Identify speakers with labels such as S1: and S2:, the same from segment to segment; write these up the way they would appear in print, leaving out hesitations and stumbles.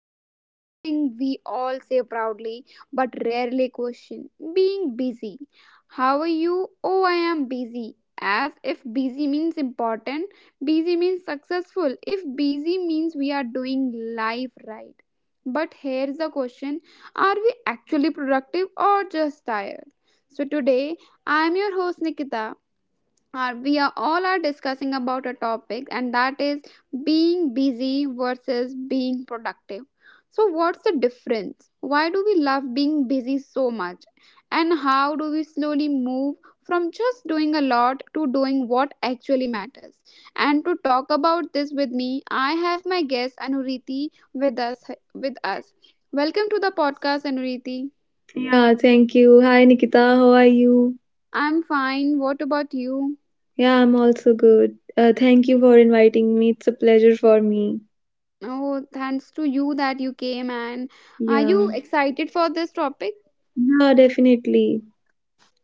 S1: taking something we all say proudly but rarely question, being busy. How are you? Oh, I am busy. As if busy means important, busy means successful, if busy means we are doing life right. But here's the question, are we actually productive or just tired? So today, I'm your host Nikita. Are we are all are discussing about a topic, and that is being busy versus being productive. So what's the difference? Why do we love being busy so much, and how do we slowly move from just doing a lot to doing what actually matters? And to talk about this with me, I have my guest Anuriti with us with us. Welcome to the podcast, Anuriti.
S2: Yeah, thank you. Hi, Nikita. How are you?
S1: I'm fine, what about you?
S2: Yeah, I'm also good. Thank you for inviting me. It's a pleasure for me.
S1: Oh, thanks to you that you came. And are you
S2: Yeah.
S1: excited for this topic?
S2: Yeah, definitely.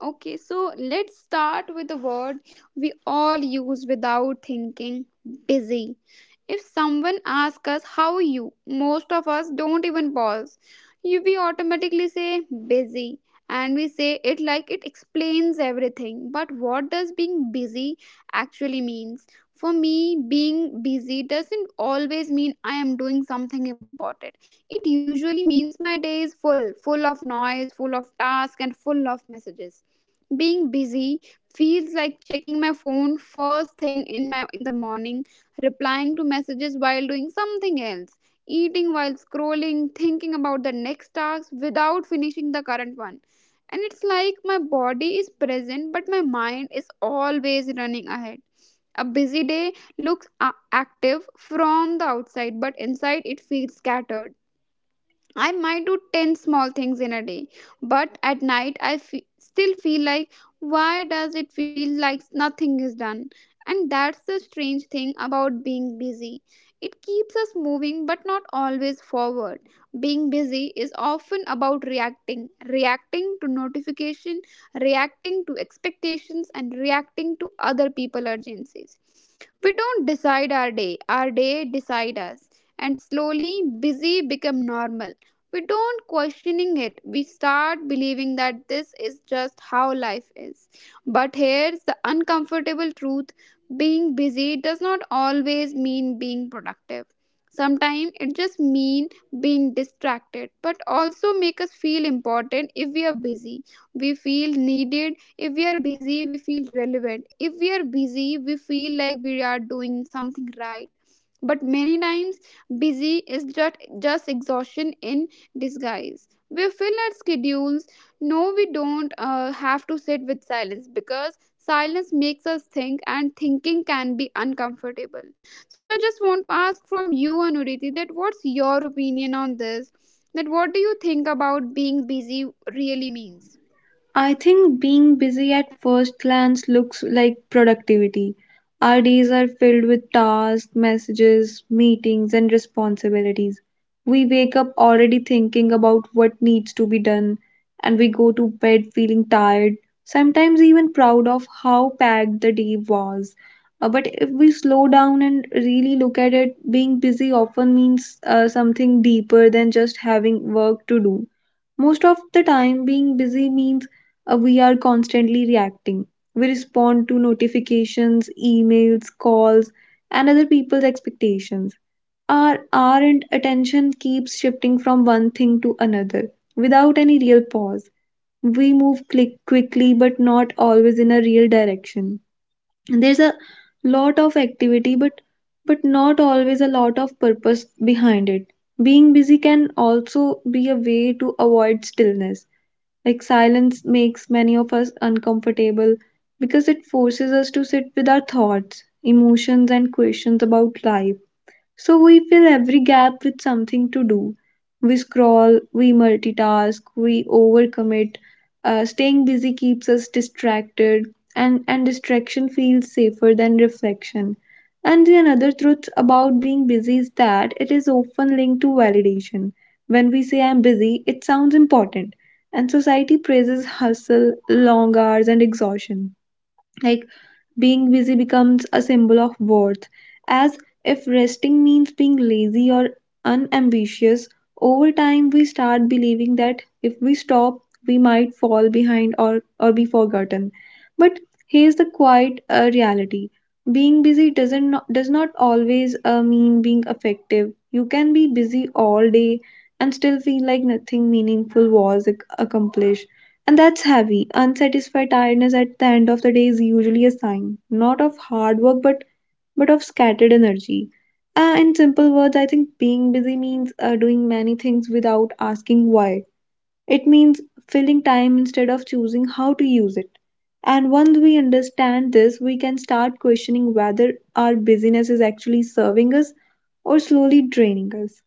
S1: Okay, so let's start with a word we all use without thinking, busy. If someone asks us how you, most of us don't even pause. You we automatically say busy, and we say it like it explains everything. But what does being busy actually means? For me, being busy doesn't always mean I am doing something important. It usually means my day is full, full of noise, full of tasks, and full of messages. Being busy feels like checking my phone first thing in the morning, replying to messages while doing something else, eating while scrolling, thinking about the next task without finishing the current one. And it's like my body is present, but my mind is always running ahead. A busy day looks active from the outside, but inside it feels scattered. I might do 10 small things in a day, but at night I still feel like, why does it feel like nothing is done? And that's the strange thing about being busy. It keeps us moving but not always forward. Being busy is often about reacting, reacting to notification, reacting to expectations, and reacting to other people urgencies. We don't decide our day decide us. And slowly busy become normal, we don't questioning it, we start believing that this is just how life is. But here's the uncomfortable truth, being busy does not always mean being productive. Sometimes it just mean being distracted, but also make us feel important. If we are busy we feel needed, if we are busy we feel relevant, if we are busy we feel like we are doing something right. But many times, busy is just exhaustion in disguise. We fill our schedules. No, we don't have to sit with silence because silence makes us think, and thinking can be uncomfortable. So I just want to ask from you, Anuriti, that what's your opinion on this? That what do you think about being busy really means?
S2: I think being busy at first glance looks like productivity. Our days are filled with tasks, messages, meetings, and responsibilities. We wake up already thinking about what needs to be done, and we go to bed feeling tired, sometimes even proud of how packed the day was. But if we slow down and really look at it, being busy often means something deeper than just having work to do. Most of the time, being busy means we are constantly reacting. We respond to notifications, emails, calls, and other people's expectations. Our and attention keeps shifting from one thing to another without any real pause. We move click quickly, but not always in a real direction. There's a lot of activity, but not always a lot of purpose behind it. Being busy can also be a way to avoid stillness, like silence makes many of us uncomfortable because it forces us to sit with our thoughts, emotions, and questions about life. So we fill every gap with something to do. We scroll, we multitask, we overcommit. Staying busy keeps us distracted, and distraction feels safer than reflection. And the another truth about being busy is that it is often linked to validation. When we say I'm busy, it sounds important, and society praises hustle, long hours, and exhaustion. Like being busy becomes a symbol of worth, as if resting means being lazy or unambitious. Over time, we start believing that if we stop, we might fall behind or be forgotten. But here's the quiet reality: being busy does not always mean being effective. You can be busy all day and still feel like nothing meaningful was accomplished. And that's heavy. Unsatisfied tiredness at the end of the day is usually a sign, not of hard work, but of scattered energy. In simple words, I think being busy means doing many things without asking why. It means filling time instead of choosing how to use it. And once we understand this, we can start questioning whether our busyness is actually serving us or slowly draining us.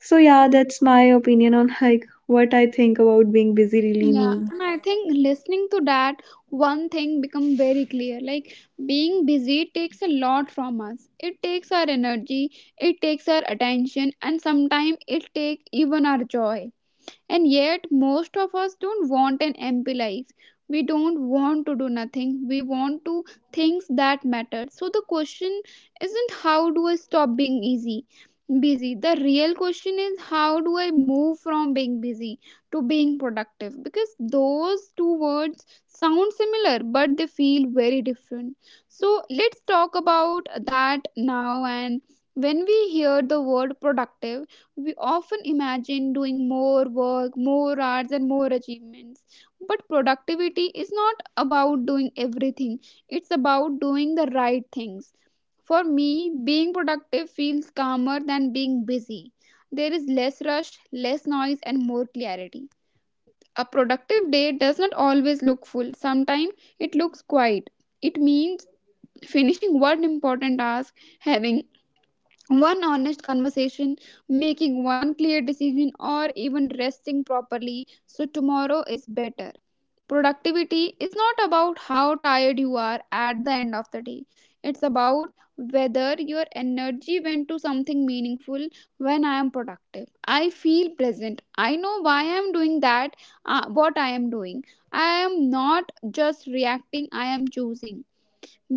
S2: So, yeah, that's my opinion on like what I think about being busy really
S1: Yeah,
S2: means.
S1: and I think listening to that, one thing become very clear. Like being busy takes a lot from us. It takes our energy, it takes our attention, and sometimes it takes even our joy. And yet, most of us don't want an empty life. We don't want to do nothing. We want to things that matter. So the question isn't how do I stop being easy, busy. The real question is how do I move from being busy to being productive? Because those two words sound similar, but they feel very different. So let's talk about that now. And when we hear the word productive, we often imagine doing more work, more hours, and more achievements. But productivity is not about doing everything, it's about doing the right things. For me, being productive feels calmer than being busy. There is less rush, less noise, and more clarity. A productive day does not always look full, sometimes it looks quiet. It means finishing one important task, having one honest conversation, making one clear decision, or even resting properly so tomorrow is better. Productivity is not about how tired you are at the end of the day, it's about whether your energy went to something meaningful. When I am productive, I feel pleasant. I know why I am doing that, what I am doing. I am not just reacting, I am choosing.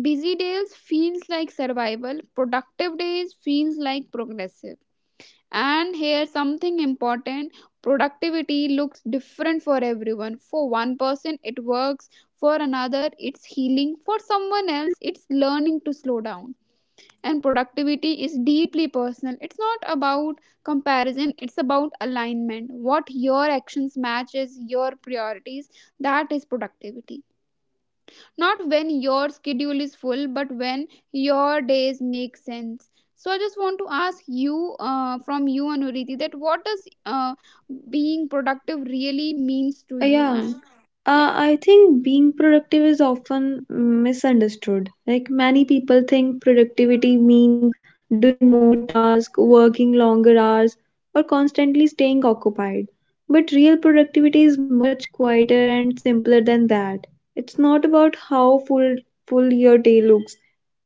S1: Busy days feels like survival, productive days feels like progressive. And here something important, productivity looks different for everyone. For one person it works, for another it's healing, for someone else it's learning to slow down. And productivity is deeply personal. It's not about comparison, it's about alignment. What your actions matches your priorities, that is productivity, not when your schedule is full but when your days make sense. So I just want to ask you, from you Anuriti, that what does being productive really means to
S2: Uh,
S1: you?
S2: Yeah,
S1: And yeah.
S2: I think being productive is often misunderstood. Like many people think productivity means doing more tasks, working longer hours, or constantly staying occupied. But real productivity is much quieter and simpler than that. It's not about how full your day looks.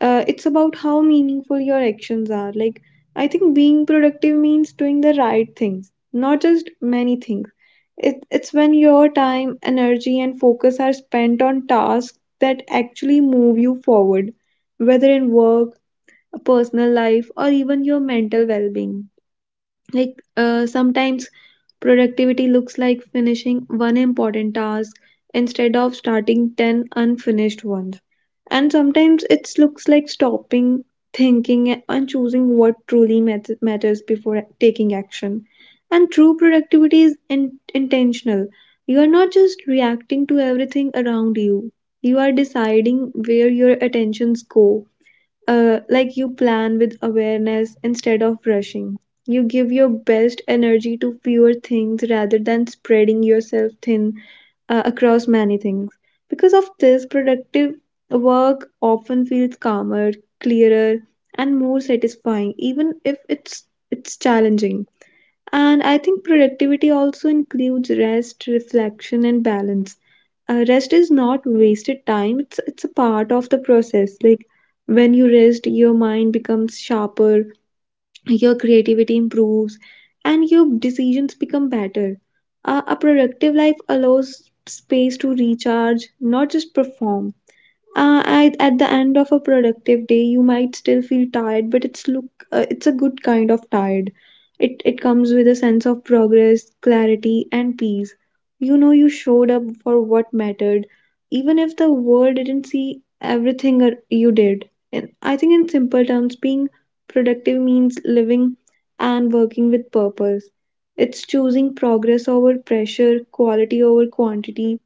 S2: It's about how meaningful your actions are. Like I think being productive means doing the right things, not just many things. It's when your time, energy, and focus are spent on tasks that actually move you forward, whether in work, personal life, or even your mental well being. Sometimes productivity looks like finishing one important task instead of starting 10 unfinished ones, and sometimes it looks like stopping, thinking, and choosing what truly matters before taking action. And true productivity is intentional. You are not just reacting to everything around you, you are deciding where your attentions go. Uh, like you plan with awareness instead of rushing. You give your best energy to fewer things rather than spreading yourself thin across many things. Because of this, productive work often feels calmer, clearer, and more satisfying, even if it's challenging. And I think productivity also includes rest, reflection, and balance. Rest is not wasted time, it's a part of the process. Like when you rest, your mind becomes sharper, your creativity improves, and your decisions become better. A productive life allows space to recharge, not just perform. At the end of a productive day you might still feel tired, but it's a good kind of tired. It comes with a sense of progress, clarity, and peace. You know you showed up for what mattered, even if the world didn't see everything you did. And I think in simple terms, being productive means living and working with purpose. It's choosing progress over pressure, quality over quantity,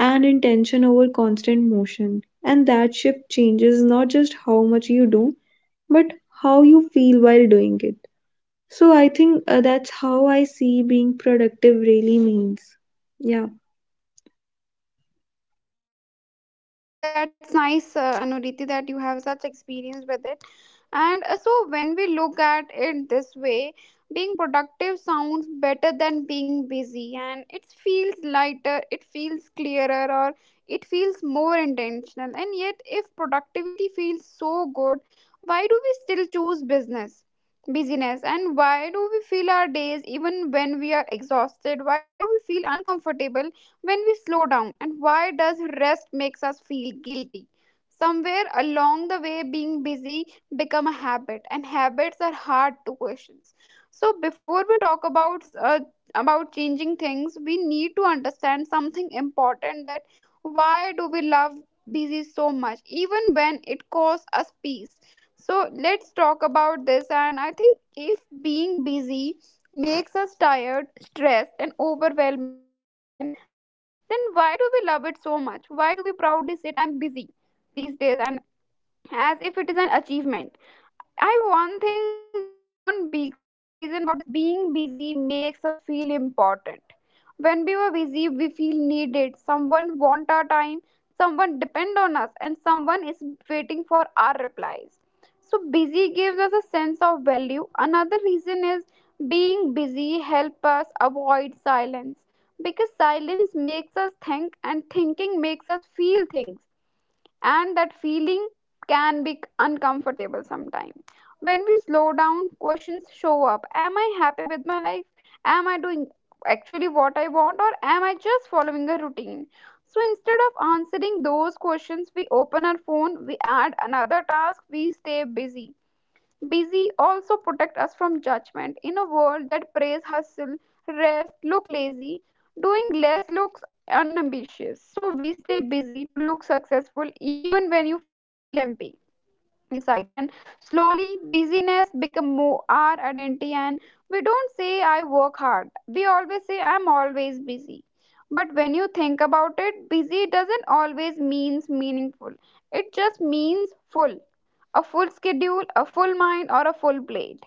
S2: and intention over constant motion. And that shift changes not just how much you do, but how you feel while doing it. So I think that's how I see being productive really means. Yeah.
S1: Oh, that's nice, Anuriti, that you have such experience with it. And so, when we look at it this way, being productive sounds better than being busy, and it feels lighter, it feels clearer, or it feels more intentional. And yet, if productivity feels so good, why do we still choose business? Busyness, and why do we feel our days even when we are exhausted? Why do we feel uncomfortable when we slow down, and why does rest makes us feel guilty? Somewhere along the way being busy become a habit, and habits are hard to question. So before we talk about uh, about changing things, we need to understand something important, that why do we love busy so much even when it costs us peace. So let's talk about this. And I think if being busy makes us tired, stressed, and overwhelmed, then why do we love it so much? Why do we proudly say, I'm busy these days, and as if it is an achievement? I one thing that one big reason about this, being busy makes us feel important. When we were busy, we feel needed. Someone want our time, someone depend on us, and someone is waiting for our replies. So busy gives us a sense of value. Another reason is being busy help us avoid silence, because silence makes us think and thinking makes us feel things, and that feeling can be uncomfortable sometimes. When we slow down, questions show up. Am I happy with my life? Am I doing actually what I want, or am I just following a routine? So instead of answering those questions, we open our phone, we add another task, we stay busy. Busy also protect us from judgment. In a world that praise hustle, rest, look lazy, doing less looks unambitious. So we stay busy to look successful even when you feel empty inside. And slowly busyness become more our identity, and we don't say I work hard, we always say I'm always busy. But when you think about it, busy doesn't always means meaningful, it just means full. A full schedule, a full mind, or a full plate,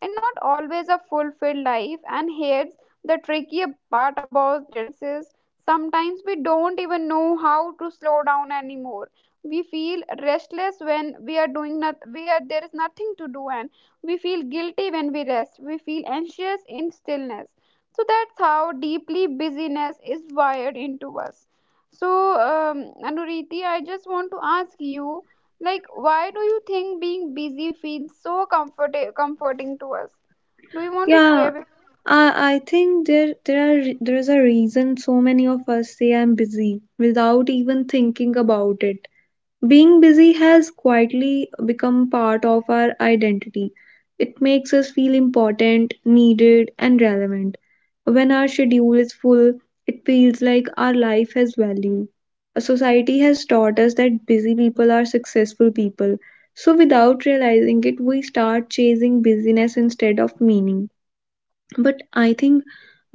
S1: and not always a fulfilled life. And here's the tricky part about this is, sometimes we don't even know how to slow down anymore. We feel restless when we are doing not we are there is nothing to do, and we feel guilty when we rest, we feel anxious in stillness. So that's how deeply busyness is wired into us. So um, Anuriti, I just want to ask you, like why do you think being busy feels so comforting to us? Do you want to
S2: Yeah.
S1: share with...
S2: I think there is a reason so many of us say I'm busy without even thinking about it. Being busy has quietly become part of our identity. It makes us feel important, needed, and relevant. When our schedule is full, it feels like our life has value. A society has taught us that busy people are successful people. So, without realizing it, we start chasing busyness instead of meaning. But I think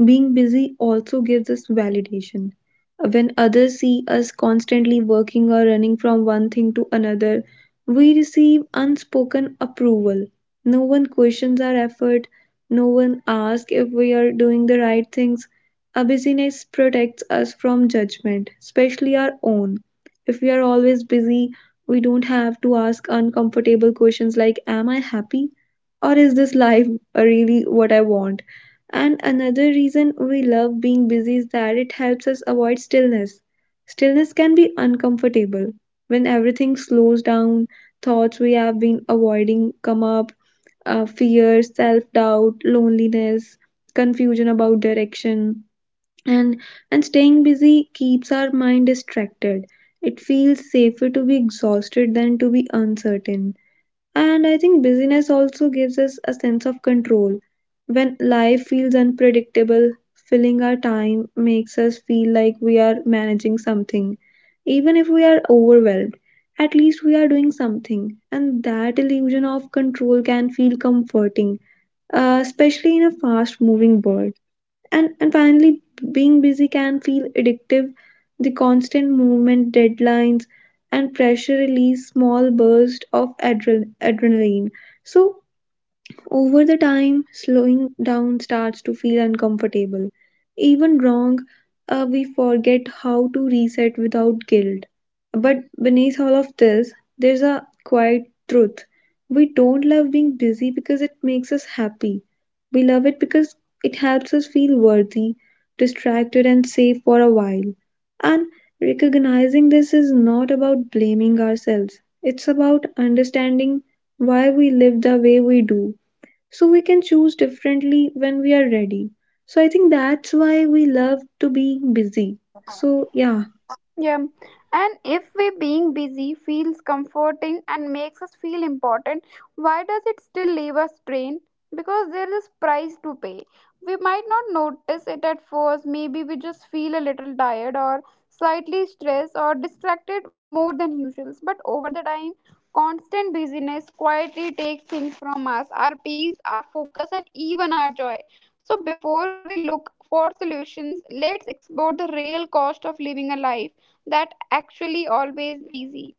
S2: being busy also gives us validation. When others see us constantly working or running from one thing to another, we receive unspoken approval. No one questions our effort, no one asks if we are doing the right things. Our busyness protects us from judgment, especially our own. If we are always busy, we don't have to ask uncomfortable questions like, am I happy? Or is this life really what I want? And another reason we love being busy is that it helps us avoid stillness. Stillness can be uncomfortable. When everything slows down, thoughts we have been avoiding come up: fear, self doubt, loneliness, confusion about direction. And, and staying busy keeps our mind distracted. It feels safer to be exhausted than to be uncertain. And I think busyness also gives us a sense of control. When life feels unpredictable, filling our time makes us feel like we are managing something. Even if we are overwhelmed, at least we are doing something. And that illusion of control can feel comforting, especially in a fast moving world. And finally, being busy can feel addictive. The constant movement, deadlines, and pressure release small bursts of adrenaline. So over the time, slowing down starts to feel uncomfortable. Even wrong. Uh, we forget how to reset without guilt. But beneath all of this, there's a quiet truth. We don't love being busy because it makes us happy. We love it because it helps us feel worthy, distracted, and safe for a while. And recognizing this is not about blaming ourselves, it's about understanding why we live the way we do, so we can choose differently when we are ready. So I think that's why we love to be busy. So yeah.
S1: Yeah. And if we being busy feels comforting and makes us feel important, why does it still leave us drained? Because there is price to pay. We might not notice it at first, maybe we just feel a little tired, or slightly stressed or distracted more than usual. But over the time, constant busyness quietly takes things from us, our peace, our focus, and even our joy. So before we look for solutions, let's explore the real cost of living a life that actually always busy.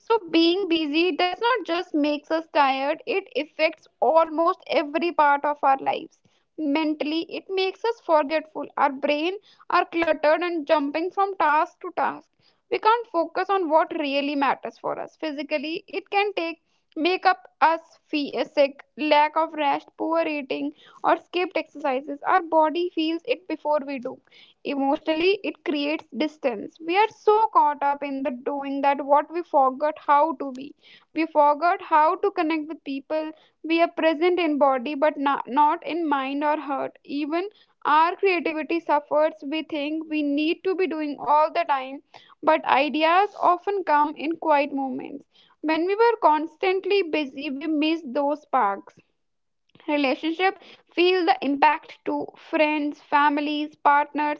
S1: So being busy does not just makes us tired, it affects almost every part of our lives. Mentally, it makes us forgetful. Our brain are cluttered and jumping from task to task. We can't focus on what really matters for us. Physically, it can take make up us feel sick, lack of rest, poor eating, or skipped exercises. Our body feels it before we do. Emotionally, it creates distance. We are so caught up in the doing that what we forgot how to be, we forgot how to connect with people. We are present in body but not in mind or heart. Even our creativity suffers. We think we need to be doing all the time, but ideas often come in quiet moments. When we were constantly busy, we miss those sparks. Relationship feel the impact to friends, families, partners.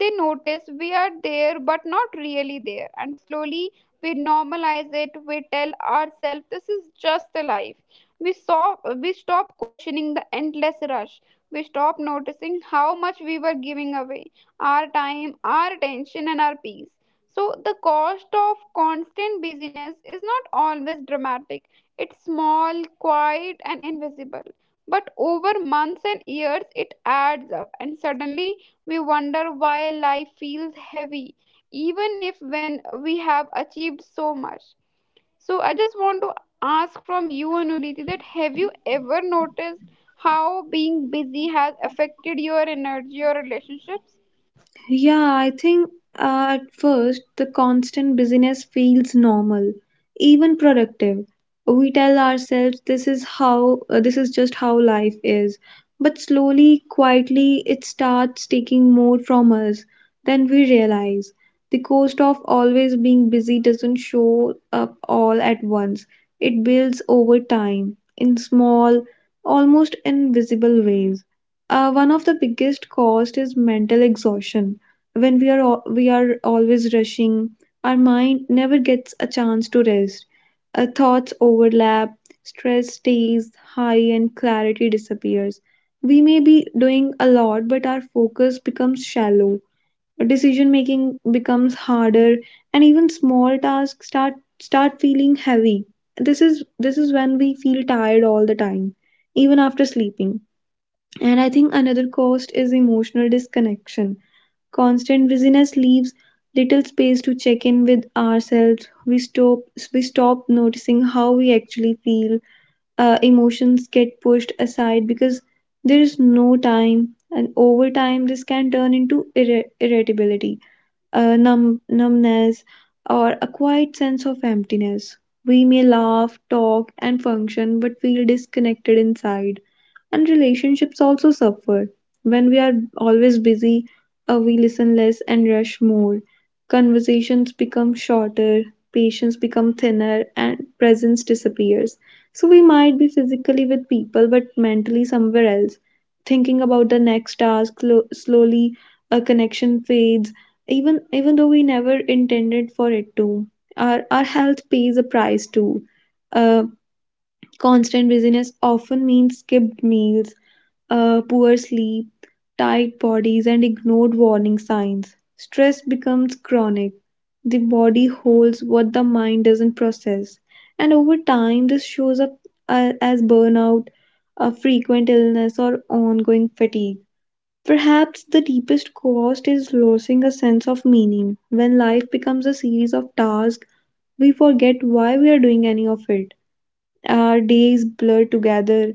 S1: They notice we are there but not really there, and slowly we normalize it. We tell ourselves this is just the life we saw. We stop questioning the endless rush. We stop noticing how much we were giving away: our time, our attention, and our peace. So the cost of constant busyness is not always dramatic. It's small, quiet, and invisible, but over months and years, it adds up, and suddenly we wonder why life feels heavy, even if when we have achieved so much. So, I just want to ask from you, Anuriti, that have you ever noticed how being busy has affected your energy or relationships?
S2: Yeah, I think at first the constant busyness feels normal, even productive. We tell ourselves this is how, this is just how life is. But slowly, quietly, it starts taking more from us than we realize. The cost of always being busy doesn't show up all at once, it builds over time in small, almost invisible ways. One of the biggest cost is mental exhaustion. When we are always rushing, our mind never gets a chance to rest. Our thoughts overlap, stress stays high, and clarity disappears. We may be doing a lot, but our focus becomes shallow. Decision making becomes harder, and even small tasks start feeling heavy. This is this is when we feel tired all the time, even after sleeping. And I think another cost is emotional disconnection. Constant busyness leaves little space to check in with ourselves. We stop noticing how we actually feel. Emotions get pushed aside because there is no time, and over time this can turn into irritability, numbness, or a quiet sense of emptiness. We may laugh, talk, and function, but feel disconnected inside. And relationships also suffer. When we are always busy, we listen less and rush more. Conversations become shorter, patience become thinner, and presence disappears. So we might be physically with people but mentally somewhere else, thinking about the next task. Slowly a connection fades, even though we never intended for it to. Our health pays a price too. Uh, constant busyness often means skipped meals, poor sleep, tight bodies, and ignored warning signs. Stress becomes chronic. The body holds what the mind doesn't process. And over time, this shows up as burnout, a frequent illness, or ongoing fatigue. Perhaps the deepest cost is losing a sense of meaning. When life becomes a series of tasks, we forget why we are doing any of it. Our days blur together.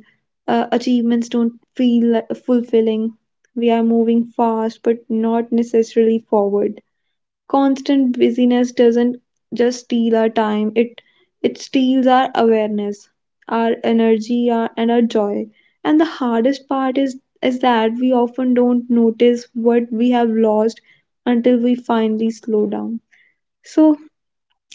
S2: Achievements don't feel fulfilling. We are moving fast, but not necessarily forward. Constant busyness doesn't just steal our time, it steals our awareness, our energy, and our joy. And the hardest part is that we often don't notice what we have lost until we finally slow down. So,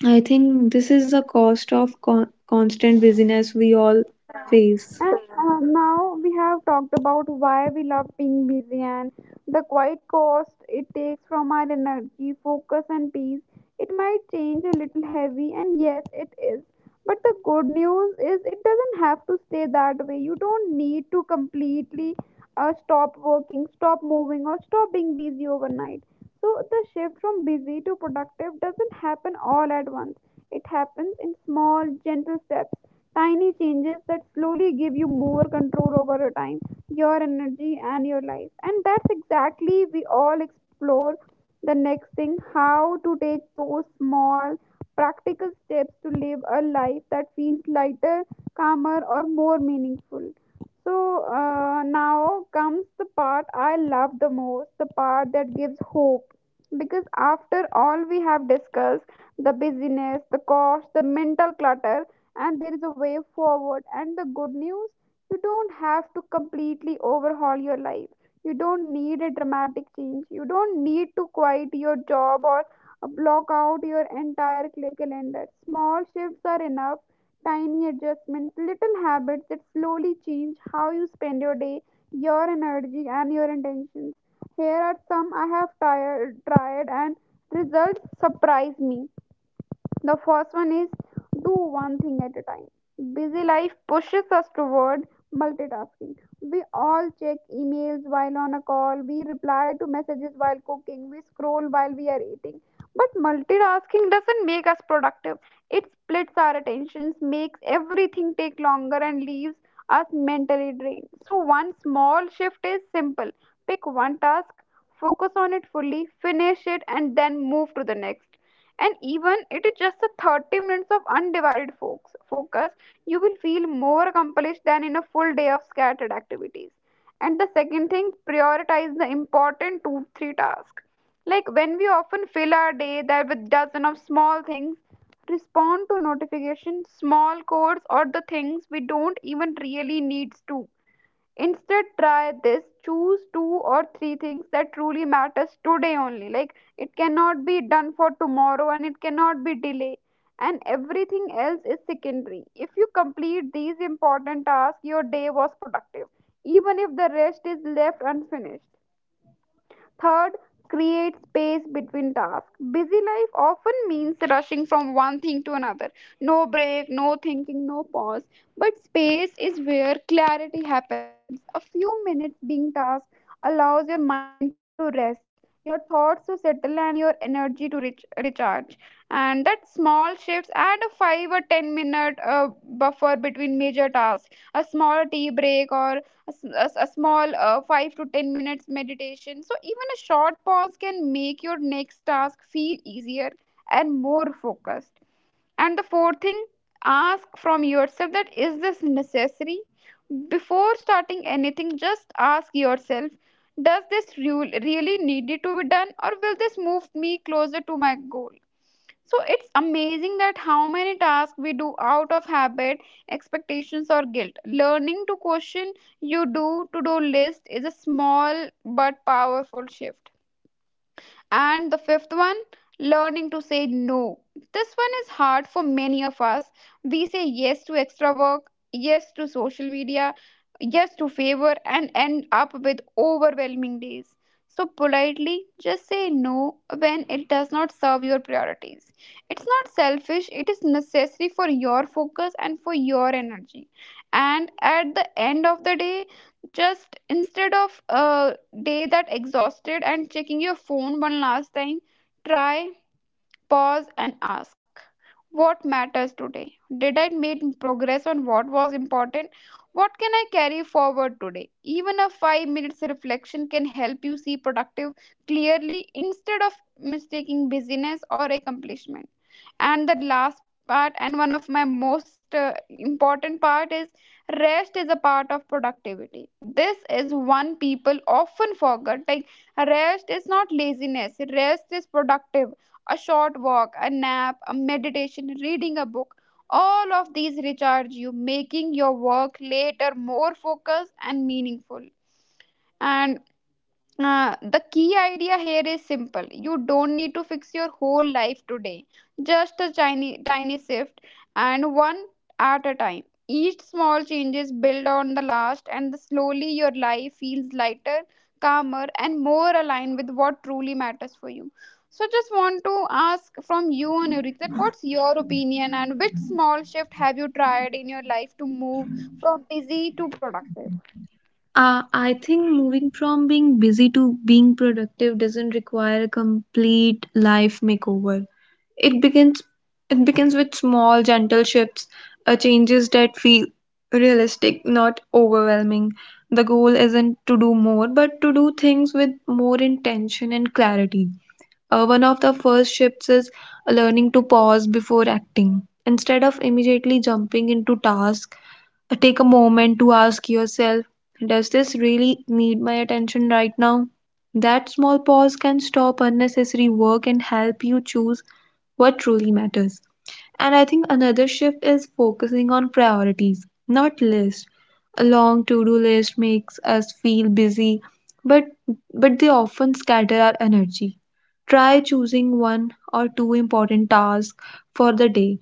S2: I think this is the cost of constant busyness we all face.
S1: And now we have talked about why we love being busy and the quiet cost it takes from our energy, focus, and peace. It might change a little heavy, and yes, it is. But the good news is it doesn't have to stay that way. You don't need to completely stop working, stop moving, or stop being busy overnight. So the shift from busy to productive doesn't happen all at once. It happens in small, gentle steps. Tiny changes that slowly give you more control over your time, your energy, and your life. And that's exactly we all explore the next thing, how to take those small, practical steps to live a life that feels lighter, calmer, or more meaningful. So now comes the part I love the most, the part that gives hope. Because after all we have discussed, the busyness, the cost, the mental clutter, and there is a way forward. And the good news, you don't have to completely overhaul your life. You don't need a dramatic change. You don't need to quit your job or block out your entire calendar. Small shifts are enough. Tiny adjustments, little habits that slowly change how you spend your day, your energy, and your intentions. Here are some I have tired, tried, and results surprise me. The first one is do one thing at a time. Busy life pushes us toward multitasking. We all check emails while on a call, we reply to messages while cooking, we scroll while we are eating. But multitasking doesn't make us productive. It splits our attentions, makes everything take longer, and leaves us mentally drained. So, one small shift is simple: pick one task, focus on it fully, finish it, and then move to the next. And even it is just a 30 minutes of undivided focus, you will feel more accomplished than in a full day of scattered activities. And the second thing, prioritize the important two, three tasks. Like when we often fill our day that with dozen of small things, respond to notifications, small codes, or the things we don't even really need to. Instead, try this: choose two or three things that truly matters today only, like it cannot be done for tomorrow and it cannot be delayed, and everything else is secondary. If you complete these important tasks, your day was productive even if the rest is left unfinished. Third, create space between tasks. Busy life often means rushing from one thing to another. No break, no thinking, no pause. But space is where clarity happens. A few minutes being tasked allows your mind to rest, your thoughts to settle, and your energy to recharge. And that small shifts add a 5 or 10 minute buffer between major tasks. A small tea break or a small 5 to 10 minutes meditation. So even a short pause can make your next task feel easier and more focused. And the fourth thing, ask from yourself that is this necessary. Before starting anything, just ask yourself, does this rule really need it to be done, or will this move me closer to my goal? So it's amazing that how many tasks we do out of habit, expectations, or guilt. Learning to question you do to do list is a small but powerful shift. And the fifth one, learning to say no. This one is hard for many of us. We say yes to extra work, yes to social media, yes to favor, and end up with overwhelming days. So, politely, just say no when it does not serve your priorities. It's not selfish, it is necessary for your focus and for your energy. And at the end of the day, just instead of a day that exhausted and checking your phone one last time, try. Pause and ask, what matters today? Did I make progress on what was important? What can I carry forward today? Even a 5 minutes reflection can help you see productive clearly instead of mistaking busyness or accomplishment. And the last part and one of my most important part is rest is a part of productivity. This is one people often forget. Like, rest is not laziness, rest is productive. A short walk, a nap, a meditation, reading a book. All of these recharge you, making your work later more focused and meaningful. And the key idea here is simple. You don't need to fix your whole life today. Just a tiny, tiny shift, and one at a time. Each small changes build on the last, and slowly your life feels lighter, calmer, and more aligned with what truly matters for you. So, just want to ask from you on Eureka, what's your opinion and which small shift have you tried in your life to move from busy to productive?
S2: I think moving from being busy to being productive doesn't require a complete life makeover. It begins it begins with small gentle shifts, changes that feel realistic, not overwhelming. The goal isn't to do more, but to do things with more intention and clarity. One of the first shifts is learning to pause before acting. Instead of immediately jumping into task, take a moment to ask yourself, does this really need my attention right now? That small pause can stop unnecessary work and help you choose what truly matters. And I think another shift is focusing on priorities, not lists. A long to-do list makes us feel busy, but but they often scatter our energy. Try choosing one or two important tasks for the day,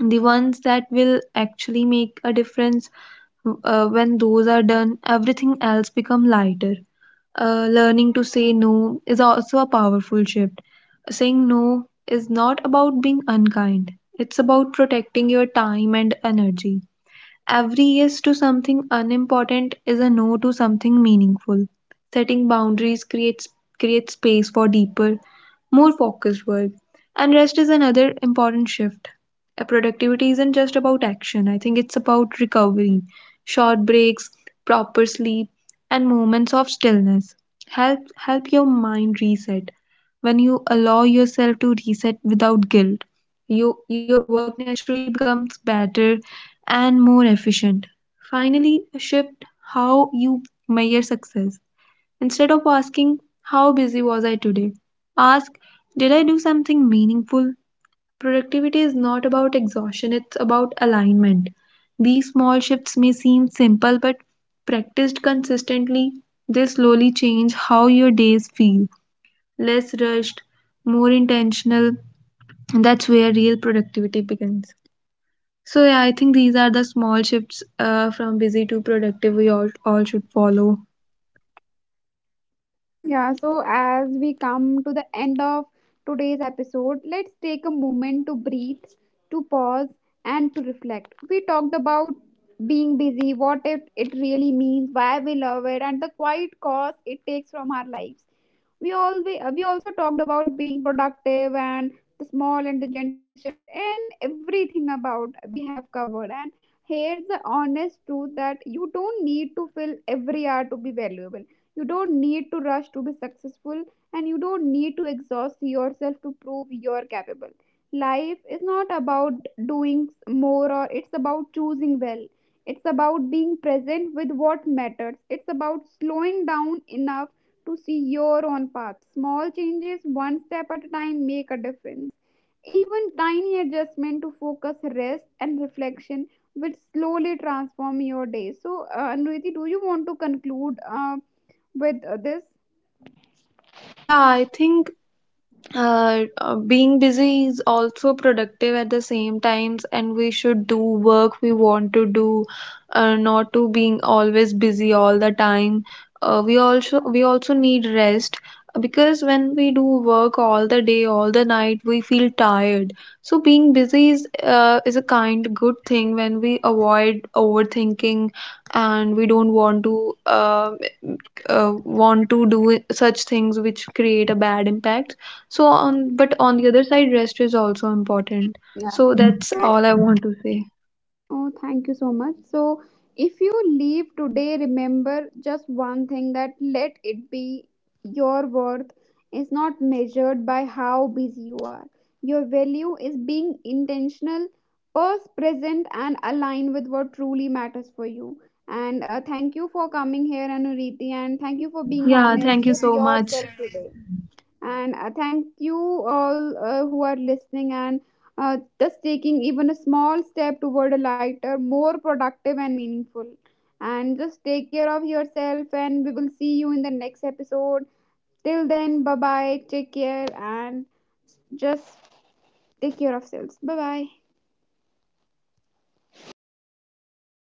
S2: the ones that will actually make a difference. Uh, when those are done, everything else become lighter. Learning to say no is also a powerful shift. Saying no is not about being unkind, it's about protecting your time and energy. Every yes to something unimportant is a no to something meaningful. Setting boundaries creates space for deeper, more focused work. And rest is another important shift. A productivity isn't just about action, I think it's about recovery. Short breaks, proper sleep, and moments of stillness help your mind reset. When you allow yourself to reset without guilt, your work naturally becomes better and more efficient. Finally, shift how you measure success. Instead of asking, how busy was I today? Ask, did I do something meaningful? Productivity is not about exhaustion, it's about alignment. These small shifts may seem simple, but practiced consistently, they slowly change how your days feel: less rushed, more intentional. And that's where real productivity begins. So, yeah, I think these are the small shifts from busy to productive we all should follow.
S1: Yeah, so as we come to the end of today's episode, let's take a moment to breathe, to pause, and to reflect. We talked about being busy, what it really means, why we love it, and the quiet cost it takes from our lives. We also talked about being productive and the small and the gentle shift and everything about we have covered. And here's the honest truth that you don't need to fill every hour to be valuable. You don't need to rush to be successful, and you don't need to exhaust yourself to prove you're capable. Life is not about doing more, or it's about choosing well. It's about being present with what matters. It's about slowing down enough to see your own path. Small changes, one step at a time, make a difference. Even tiny adjustment to focus, rest, and reflection will slowly transform your day. So, Anuriti, do you want to conclude? With this.
S2: Yeah, I think being busy is also productive at the same times, and we should do work we want to do, not to being always busy all the time. We also need rest, because when we do work all the day, all the night, we feel tired. So being busy is a kind good thing when we avoid overthinking and we don't want to do such things which create a bad impact. So on, but on the other side, rest is also important.
S1: Yeah.
S2: So that's
S1: So,
S2: all I want to say.
S1: oh, thank you so much. So, if you leave today, remember just one thing, that let it be your worth is not measured by how busy you are. Your value is being intentional, purse present, and aligned with what truly matters for you. And thank you for coming here, Anuriti, and thank you for being
S2: Yeah,
S1: honest
S2: thank you
S1: with
S2: so much.
S1: yourself today. And thank you all who are listening and just taking even a small step toward a lighter, more productive, and meaningful. And just take care of yourself, and we will see you in the next episode. Till then, bye bye. Take care and just take care of yourselves. Bye bye. Thank you.